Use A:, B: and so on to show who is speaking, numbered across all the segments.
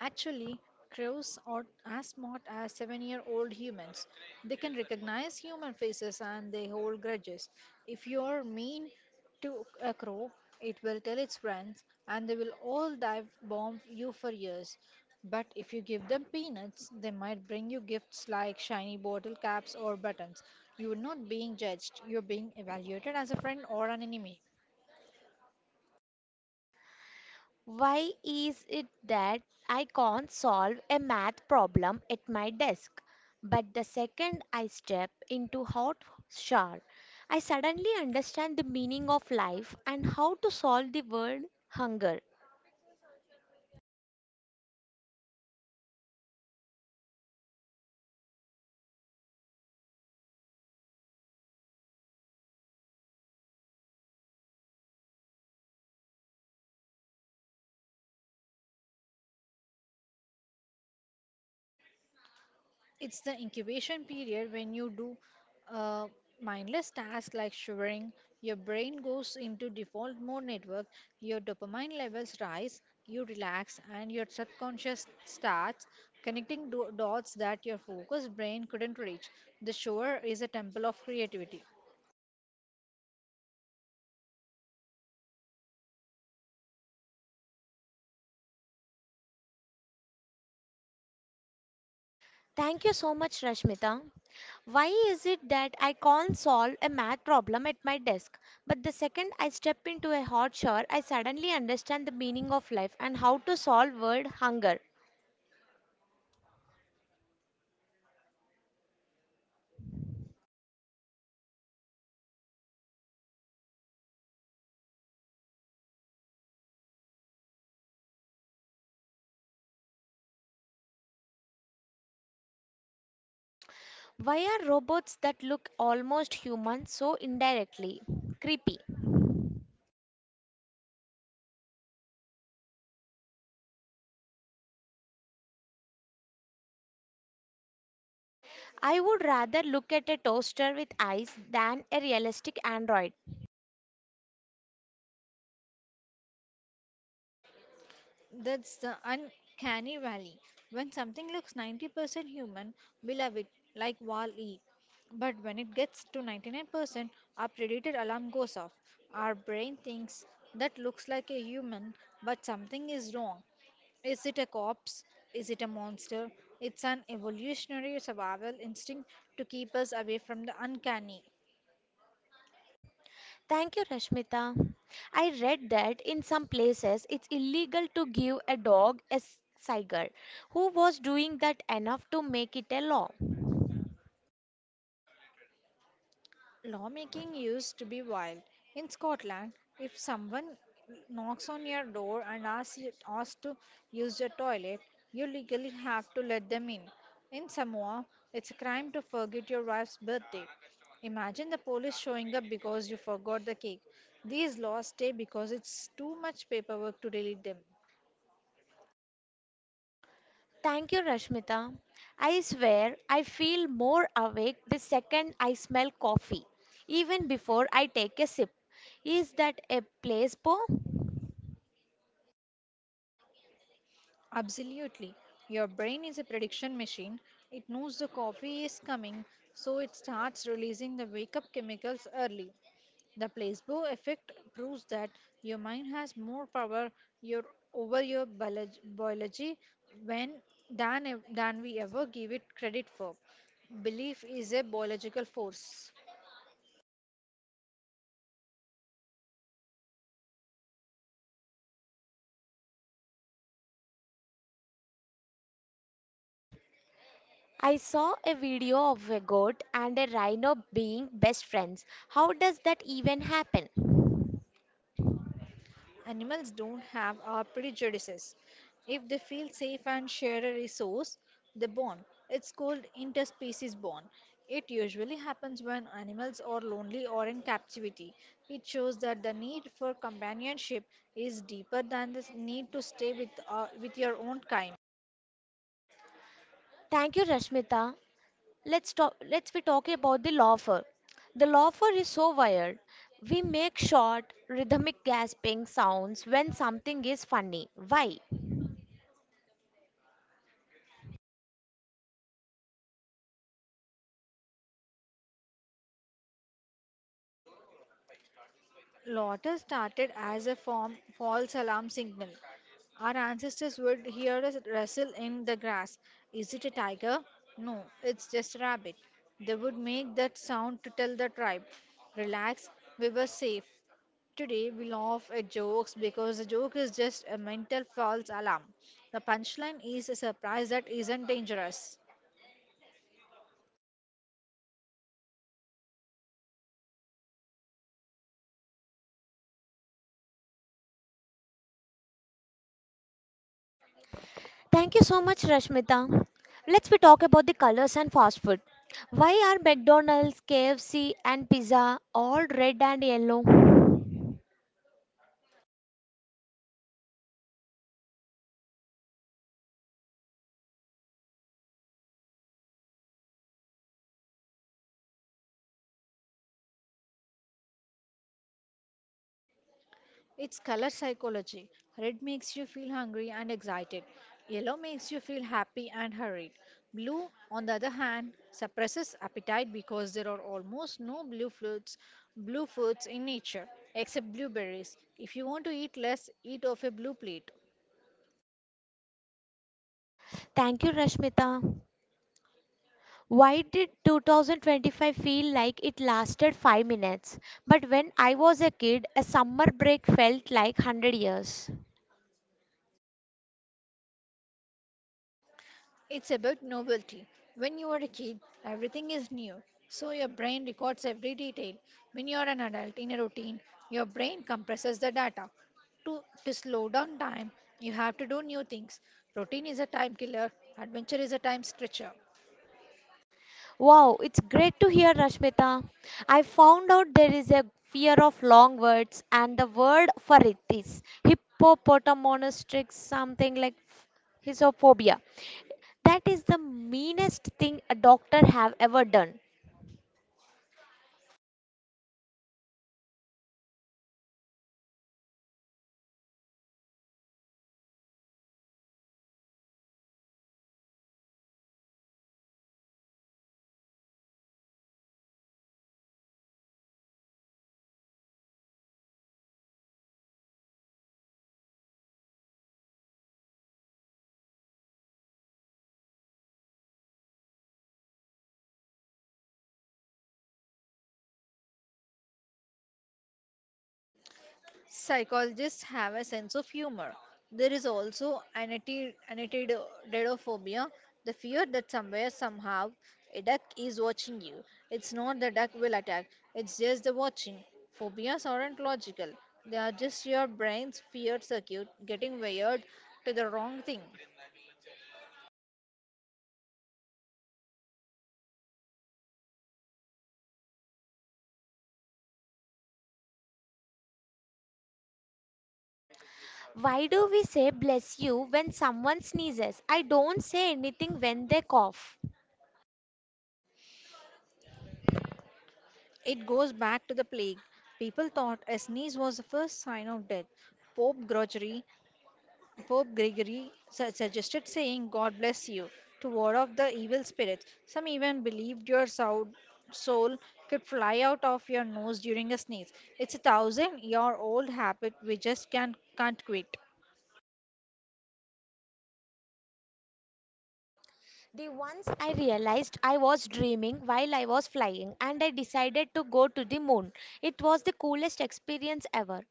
A: Actually, crows are as smart as 7 year old humans. They can recognize human faces, and they hold grudges. If you're mean to a crow, it will tell its friends and they will all dive bomb you for years. But if you give them peanuts, they might bring you gifts like shiny bottle caps or buttons. You're not being judged, you're being evaluated as a friend or an enemy.
B: Why is it that I can't solve a math problem at my desk? But the second I step into hot shower, I suddenly understand the meaning of life and how to solve the word hunger.
A: It's the incubation period. When you do a mindless task like shivering, your brain goes into default mode network, your dopamine levels rise, you relax, and your subconscious starts connecting dots that your focused brain couldn't reach. The shower is a temple of creativity.
B: Thank you so much, Rashmita. Why is it that I can't solve a math problem at my desk, but the second I step into a hot shower, I suddenly understand the meaning of life and how to solve world hunger? Why are robots that look almost human so indirectly creepy? I would rather look at a toaster with eyes than a realistic android.
A: That's the uncanny valley. When something looks 90% human, we love it, like Wall-E. But when it gets to 99%, our predator alarm goes off. Our brain thinks that looks like a human, but something is wrong. Is it a corpse? Is it a monster? It's an evolutionary survival instinct to keep us away from the uncanny.
B: Thank you, Rashmita. I read that in some places it's illegal to give a dog a Saigar, who was doing that enough to make it a law.
A: Lawmaking used to be wild. In Scotland, if someone knocks on your door and asks, asks to use your toilet, you legally have to let them in. In Samoa, it's a crime to forget your wife's birthday. Imagine the police showing up because you forgot the cake. These laws stay because it's too much paperwork to delete them.
B: Thank you, Rashmita. I swear I feel more awake the second I smell coffee, even before I take a sip. Is that a placebo?
A: Absolutely. Your brain is a prediction machine. It knows the coffee is coming, so it starts releasing the wake up chemicals early. The placebo effect proves that your mind has more power your, over your biology when, than we ever give it credit for. Belief is a biological force.
B: I saw a video of a goat and a rhino being best friends. How does that even happen?
A: Animals don't have our prejudices. If they feel safe and share a resource, they bond. It's called interspecies bond. It usually happens when animals are lonely or in captivity. It shows that the need for companionship is deeper than the need to stay with your own kind.
B: Thank you, Rashmita. Let's be talking about the lawfer. The lawfer is so wired. We make short, rhythmic gasping sounds when something is funny. Why?
A: Laughter started as a form false alarm signal. Our ancestors would hear us rustle in the grass. Is it a tiger? No, it's just a rabbit. They would make that sound to tell the tribe, relax, we were safe. Today we laugh at jokes because the joke is just a mental false alarm. The punchline is a surprise that isn't dangerous.
B: Thank you so much, Rashmita. Let's we talk about the colors and fast food. Why are McDonald's, KFC, and pizza all red and yellow?
A: It's color psychology. Red makes you feel hungry and excited. Yellow makes you feel happy and hurried. Blue, on the other hand, suppresses appetite because there are almost no blue foods in nature except blueberries. If you want to eat less, eat off a blue plate.
B: Thank you, Rashmita. Why did 2025 feel like it lasted 5 minutes? But when I was a kid, a summer break felt like 100 years.
A: It's about novelty. When you are a kid, everything is new, so your brain records every detail. When you are an adult in a routine, your brain compresses the data. To slow down time, you have to do new things. Routine is a time killer, adventure is a time stretcher.
B: Wow, it's great to hear, Rashmita. I found out there is a fear of long words, and the word for it is hippopotamonostrix, something like hisophobia. That is the meanest thing a doctor have ever done.
A: Psychologists have a sense of humor. There is also anatidophobia, the fear that somewhere, somehow, a duck is watching you. It's not the duck will attack, it's just the watching. Phobias aren't logical, they are just your brain's fear circuit getting wired to the wrong thing.
B: Why do we say bless you when someone sneezes? I don't say anything when they cough.
A: It goes back to the plague. People thought a sneeze was the first sign of death. Pope Gregory Pope Gregory suggested saying, God bless you, to ward off the evil spirits. Some even believed your soul could fly out of your nose during a sneeze. It's a thousand year old habit we just can't quit.
B: The once I realized I was dreaming while I was flying and I decided to go to the moon. It was the coolest experience ever.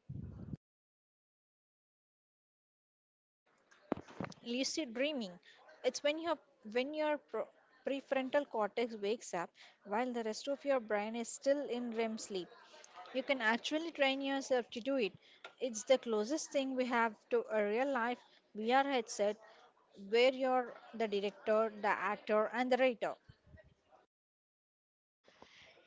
A: Lucid dreaming. It's when your prefrontal cortex wakes up while the rest of your brain is still in REM sleep. You can actually train yourself to do it. It's the closest thing we have to a real life VR headset, where you're the director, the actor, and the writer.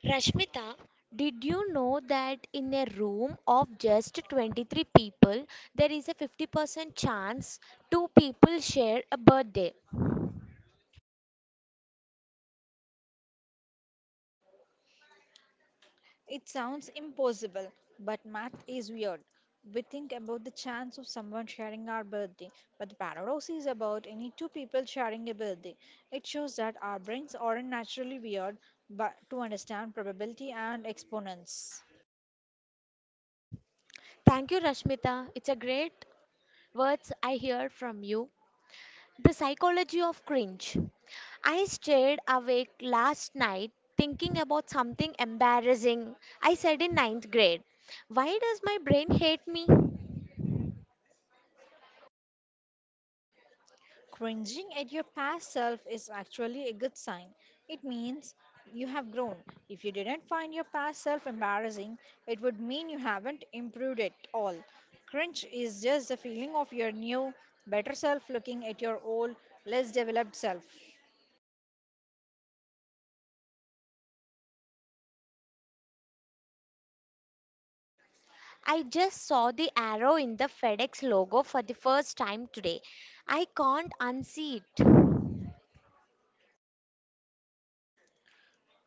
B: Rashmita, did you know that in a room of just 23 people, there is a 50% chance two people share a birthday?
A: It sounds impossible, but math is weird. We think about the chance of someone sharing our birthday, but the paradox is about any two people sharing a birthday. It shows that our brains aren't naturally weird, but to understand probability and exponents.
B: Thank you, Rashmita. It's a great words I hear from you. The psychology of cringe. I stayed awake last night thinking about something embarrassing I said in ninth grade. Why does my brain hate me?
A: Cringing at your past self is actually a good sign. It means you have grown. If you didn't find your past self embarrassing, it would mean you haven't improved at all. Cringe is just the feeling of your new, better self looking at your old, less developed self.
B: I just saw the arrow in the FedEx logo for the first time today. I can't unsee it.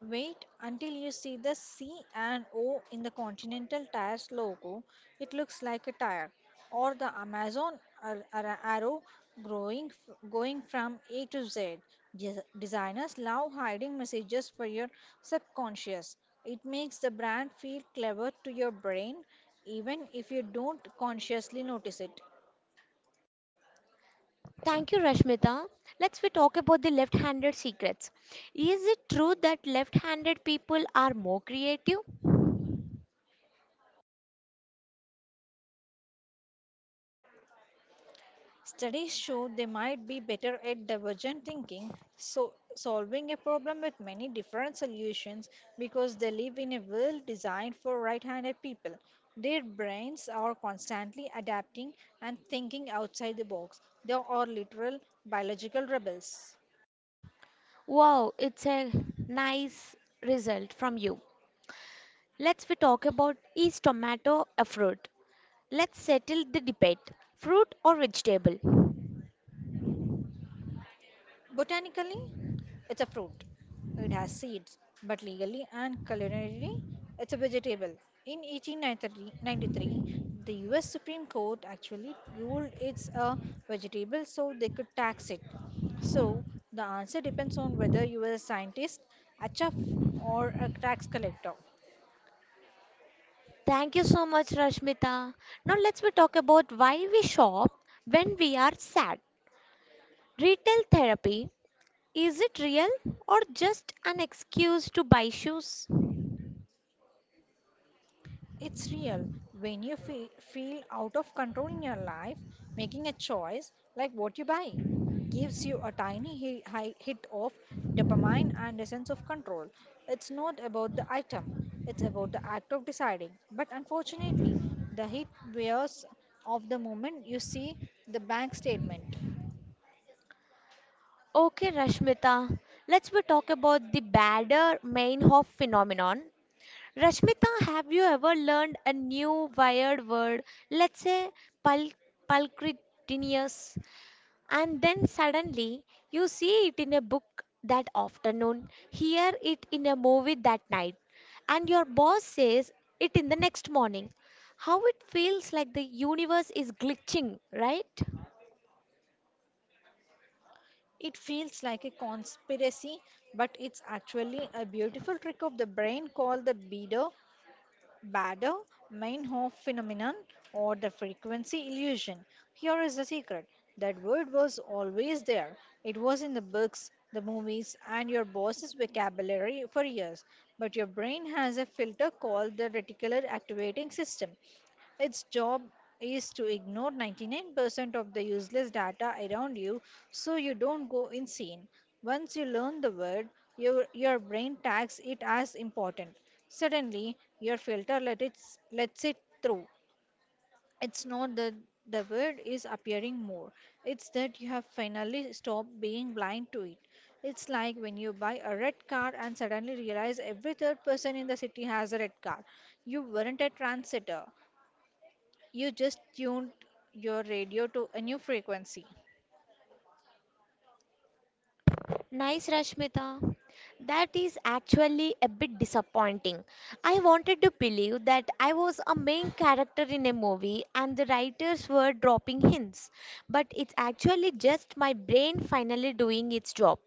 A: Wait until you see the C and O in the Continental Tires logo. It looks like a tire, or the Amazon arrow going from A to Z. Designers love hiding messages for your subconscious. It makes the brand feel clever to your brain, even if you don't consciously notice it.
B: Thank you, Rashmita. Let's we talk about the left-handed secrets. Is it true that left-handed people are more creative?
A: Studies show they might be better at divergent thinking, so solving a problem with many different solutions, because they live in a world designed for right-handed people. Their brains are constantly adapting and thinking outside the box. They are literal biological rebels.
B: Wow, it's a nice result from you. Let's we talk about is tomato a fruit? Let's settle the debate. Fruit or vegetable?
A: Botanically, it's a fruit. It has seeds, but legally and culinarily, it's a vegetable. In 1893, the US Supreme Court actually ruled it's a vegetable so they could tax it. So, the answer depends on whether you are a scientist, a chef, or a tax collector.
B: Thank you so much, Rashmita. Now let's we talk about why we shop when we are sad. Retail therapy, is it real or just an excuse to buy shoes?
A: It's real. When you feel out of control in your life, making a choice like what you buy gives you a tiny hit of dopamine and a sense of control. It's not about the item, it's about the act of deciding. But unfortunately, the hit wears off the moment you see the bank statement.
B: Okay, Rashmita, let's we talk about the badder main of phenomenon. Rashmita, have you ever learned a new wired word? Let's say pul- pulchritinius. And then suddenly you see it in a book that afternoon, hear it in a movie that night, and your boss says it in the next morning. How it feels like the universe is glitching, right?
A: It feels like a conspiracy, but it's actually a beautiful trick of the brain called the bidder Bader Meinhof phenomenon, or the frequency illusion. Here is the secret: that word was always there. It was in the books, the movies, and your boss's vocabulary for years. But your brain has a filter called the reticular activating system. Its job is to ignore 99% of the useless data around you so you don't go insane. Once you learn the word, your brain tags it as important. Suddenly, your filter lets it through. It's not that the word is appearing more, it's that you have finally stopped being blind to it. It's like when you buy a red car and suddenly realize every third person in the city has a red car. You weren't a trendsetter. You just tuned your radio to a new frequency.
B: Nice, Rashmita. That is actually a bit disappointing. I wanted to believe that I was a main character in a movie and the writers were dropping hints, but it's actually just my brain finally doing its job.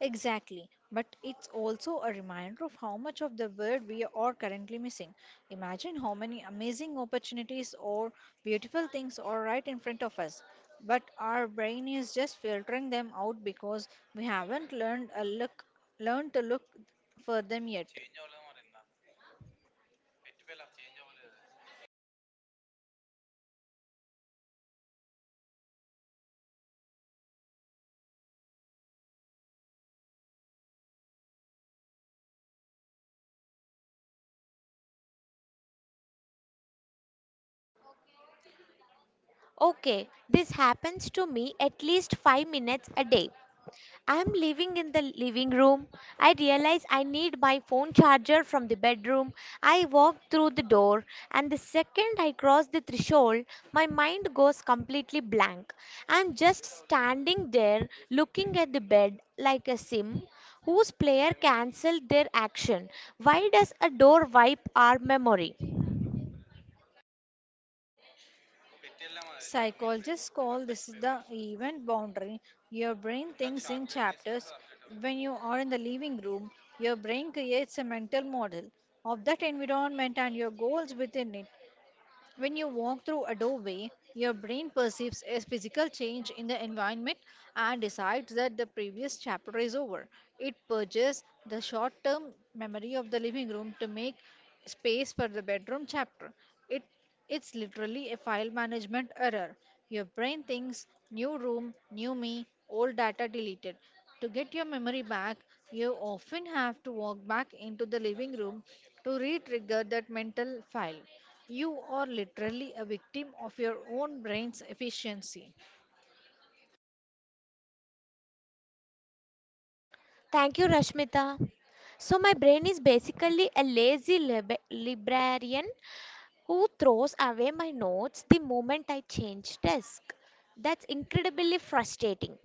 A: Exactly, but it's also a reminder of how much of the world we are currently missing. Imagine how many amazing opportunities or beautiful things are right in front of us, but our brain is just filtering them out because we haven't learned to look for them yet.
B: Okay, this happens to me at least 5 minutes a day. I am living in the living room. I realize I need my phone charger from the bedroom. I walk through the door, and the second I cross the threshold, my mind goes completely blank. I am just standing there looking at the bed like a sim whose player canceled their action. Why does a door wipe our memory?
A: Psychologists call this the event boundary. Your brain thinks in chapters. When you are in the living room, your brain creates a mental model of that environment and your goals within it. When you walk through a doorway, your brain perceives a physical change in the environment and decides that the previous chapter is over. It purges the short term memory of the living room to make space for the bedroom chapter. It, it's literally a file management error. Your brain thinks new room, new me, old data deleted. To get your memory back, you often have to walk back into the living room to re trigger that mental file. You are literally a victim of your own brain's efficiency.
B: Thank you, Rashmita. So, my brain is basically a lazy librarian who throws away my notes the moment I change desk. That's incredibly frustrating.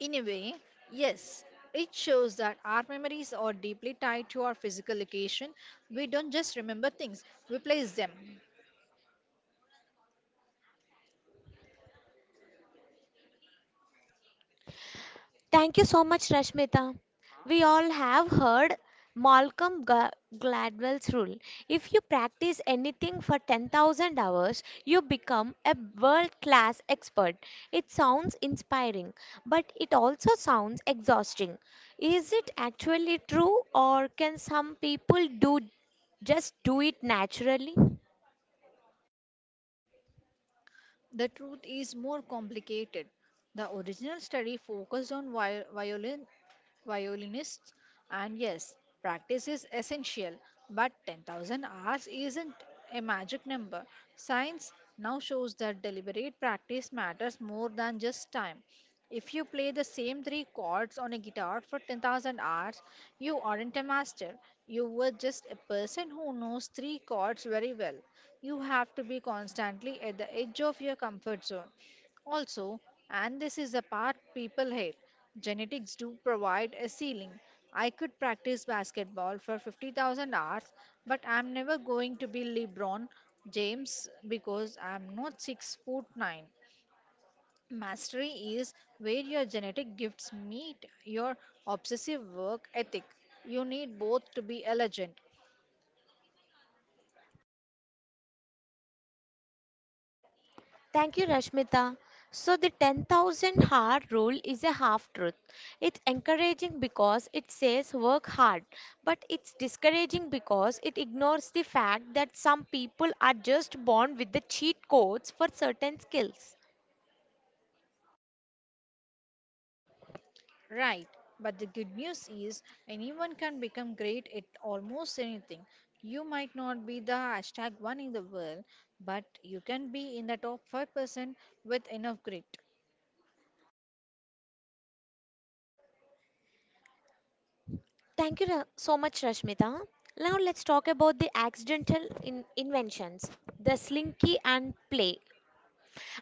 A: In a way, yes, it shows that our memories are deeply tied to our physical location. We don't just remember things, we place them.
B: Thank you so much, Rashmita. We all have heard Malcolm Gladwell's rule. If you practice anything for 10,000 hours, you become a world class expert. It sounds inspiring, but it also sounds exhausting. Is it actually true, or can some people do just do it naturally?
A: The truth is more complicated. The original study focused on violin, violinists, and yes, practice is essential, but 10,000 hours isn't a magic number. Science now shows that deliberate practice matters more than just time. If you play the same three chords on a guitar for 10,000 hours, you aren't a master. You were just a person who knows three chords very well. You have to be constantly at the edge of your comfort zone. Also, and this is the part people hate, genetics do provide a ceiling. I could practice basketball for 50,000 hours, but I'm never going to be LeBron James because I'm not 6 foot 9. Mastery is where your genetic gifts meet your obsessive work ethic. You need both to be a legend.
B: Thank you, Rashmita. So, the 10,000 hour rule is a half truth. It's encouraging because it says work hard, but it's discouraging because it ignores the fact that some people are just born with the cheat codes for certain skills.
A: Right, but the good news is anyone can become great at almost anything. You might not be the #1 in the world, but you can be in the top 5% with enough grit.
B: Thank you so much, Rashmita. Now, let's talk about the accidental inventions, the slinky and play.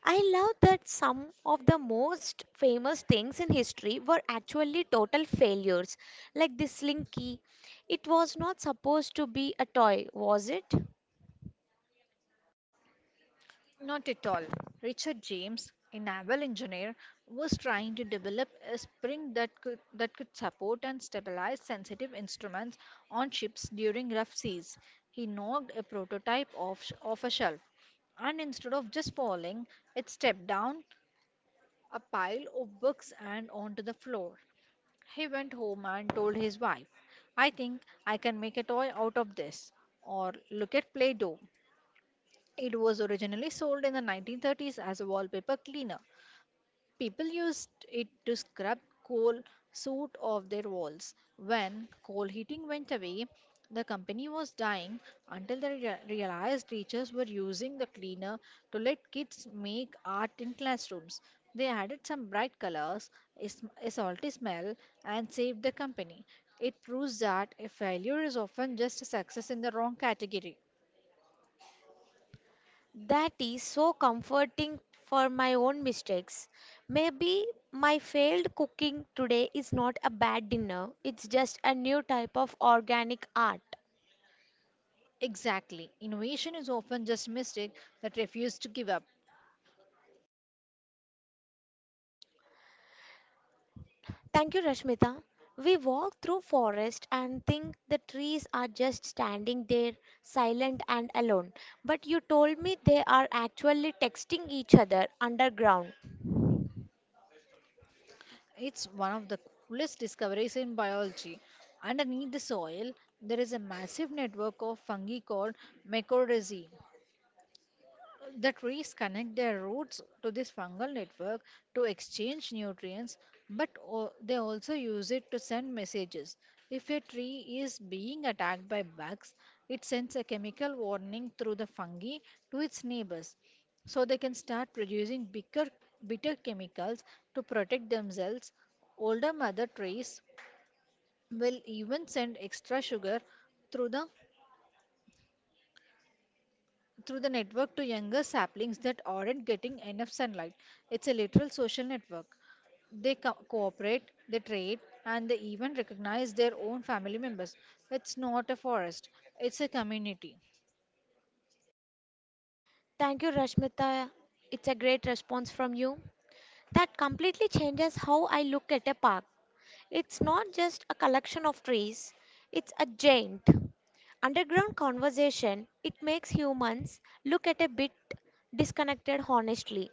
B: I love that some of the most famous things in history were actually total failures, like the slinky. It was not supposed to be a toy, was it?
A: Not at all. Richard James, a naval engineer, was trying to develop a spring that could support and stabilize sensitive instruments on ships during rough seas. He knocked a prototype off a shelf, and instead of just falling, it stepped down a pile of books and onto the floor. He went home and told his wife, I think I can make a toy out of this. Or look at Play Doh. It was originally sold in the 1930s as a wallpaper cleaner. People used it to scrub coal soot off their walls. When coal heating went away, the company was dying until they realized teachers were using the cleaner to let kids make art in classrooms. They added some bright colors, a salty smell, and saved the company. It proves that a failure is often just a success in the wrong category.
B: That is so comforting for my own mistakes. Maybe my failed cooking today is not a bad dinner, it's just a new type of organic art.
A: Exactly. Innovation is often just mistake that refuse to give up.
B: Thank you, Rashmita. We walk through forest and think the trees are just standing there, silent and alone. But you told me they are actually texting each other underground.
A: It's one of the coolest discoveries in biology. Underneath the soil, there is a massive network of fungi called mycorrhizae. That trees connect their roots to this fungal network to exchange nutrients, but they also use it to send messages. If a tree is being attacked by bugs, it sends a chemical warning through the fungi to its neighbors so they can start producing bitter chemicals to protect themselves. Older mother trees will even send extra sugar through the through the network to younger saplings that aren't getting enough sunlight. It's a literal social network. They cooperate, they trade, and they even recognize their own family members. It's not a forest, it's a community.
B: Thank you, Rashmita. It's a great response from you. That completely changes how I look at a park. It's not just a collection of trees, it's a giant underground conversation. It makes humans look at a bit disconnected honestly.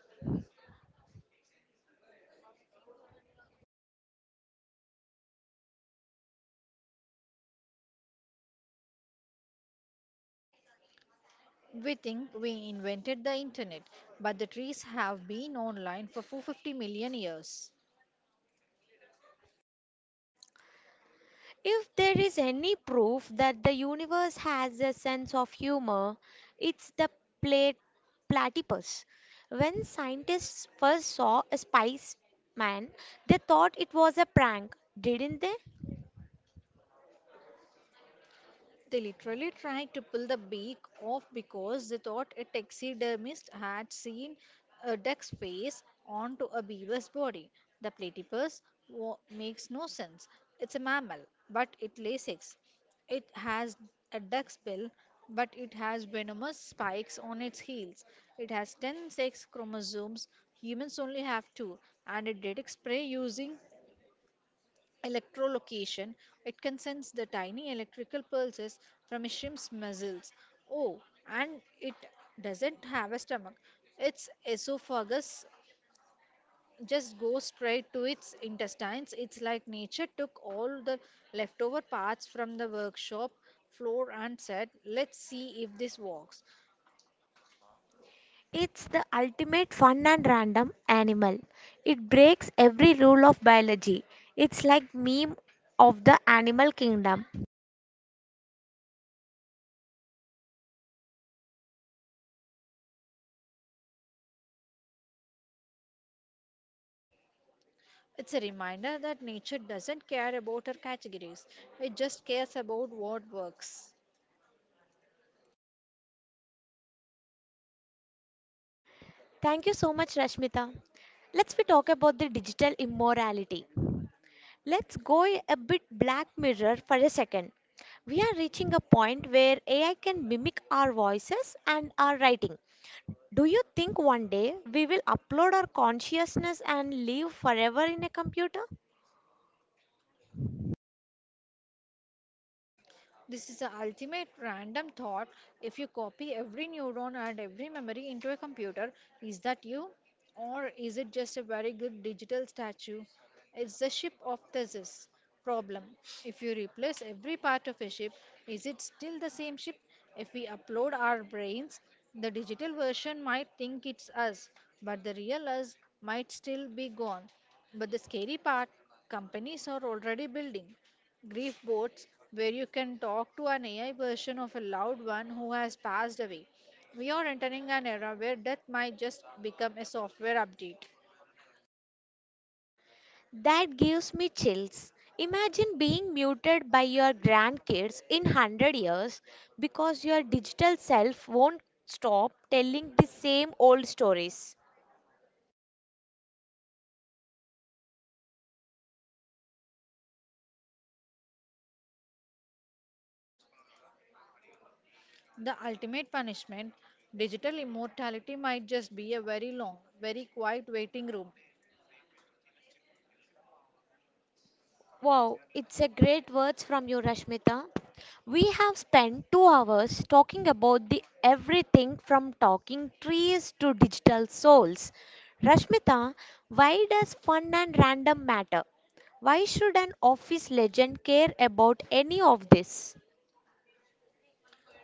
A: We think we invented the internet, but the trees have been online for 450 million years.
B: If there is any proof that the universe has a sense of humor, it's the plat- platypus. When scientists first saw a spice man, they thought it was a prank, didn't they?
A: They literally tried to pull the beak off because they thought a taxidermist had seen a duck's face onto a beaver's body. The platypus makes no sense. It's a mammal, but it lays eggs. It has a duck's bill, but it has venomous spikes on its heels. It has 10 sex chromosomes. Humans only have two, and it detects prey using electrolocation. It can sense the tiny electrical pulses from a shrimp's muscles. Oh, and it doesn't have a stomach. Its esophagus just goes straight to its intestines. It's like nature took all the leftover parts from the workshop floor and said, "Let's see if this works."
B: It's the ultimate fun and random animal. It breaks every rule of biology. It's like meme of the animal kingdom.
A: It's a reminder that nature doesn't care about her categories, it just cares about what works.
B: Thank you so much, Rashmita. Let's we talk about the digital immorality. Let's go a bit Black Mirror for a second. We are reaching a point where AI can mimic our voices and our writing. Do you think one day we will upload our consciousness and live forever in a computer?
A: This is the ultimate random thought. If you copy every neuron and every memory into a computer, is that you? Or is it just a very good digital statue? It's the ship of thesis problem. If you replace every part of a ship, is it still the same ship? If we upload our brains, the digital version might think it's us, but the real us might still be gone. But the scary part, companies are already building grief bots where you can talk to an AI version of a loved one who has passed away. We are entering an era where death might just become a software update.
B: That gives me chills. Imagine being muted by your grandkids in 100 years because your digital self won't stop telling the same old stories.
A: The ultimate punishment, digital immortality, might just be a very long, very quiet waiting room.
B: Wow, it's a great words from you, Rashmita. We have spent 2 hours talking about the everything from talking trees to digital souls. Rashmita, why does fun and random matter? Why should an office legend care about any of this?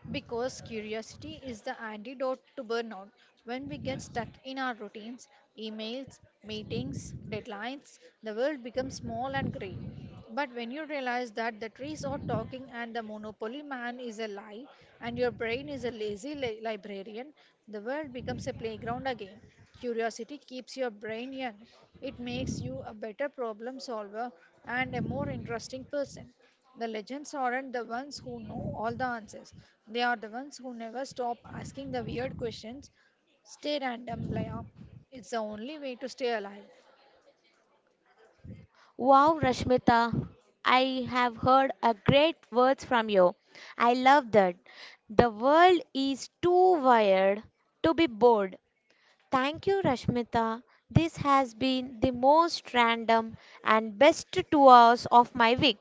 A: Because curiosity is the antidote to burnout. When we get stuck in our routines, emails, meetings, deadlines, the world becomes small and grey. But when you realize that the trees are talking and the monopoly man is a lie and your brain is a lazy librarian, the world becomes a playground again. Curiosity keeps your brain young. It makes you a better problem solver and a more interesting person. The legends aren't the ones who know all the answers. They are the ones who never stop asking the weird questions. Stay random, Laya. It's the only way to stay alive.
B: Wow, Rashmita, I have heard a great words from you. I love that. The world is too wired to be bored. Thank you, Rashmita. This has been the most random and best 2 hours of my week.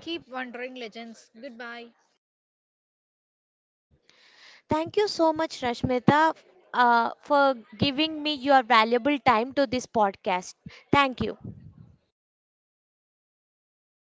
A: Keep wondering, legends. Goodbye.
B: Thank you so much, Rashmita, for giving me your valuable time to this podcast. Thank you.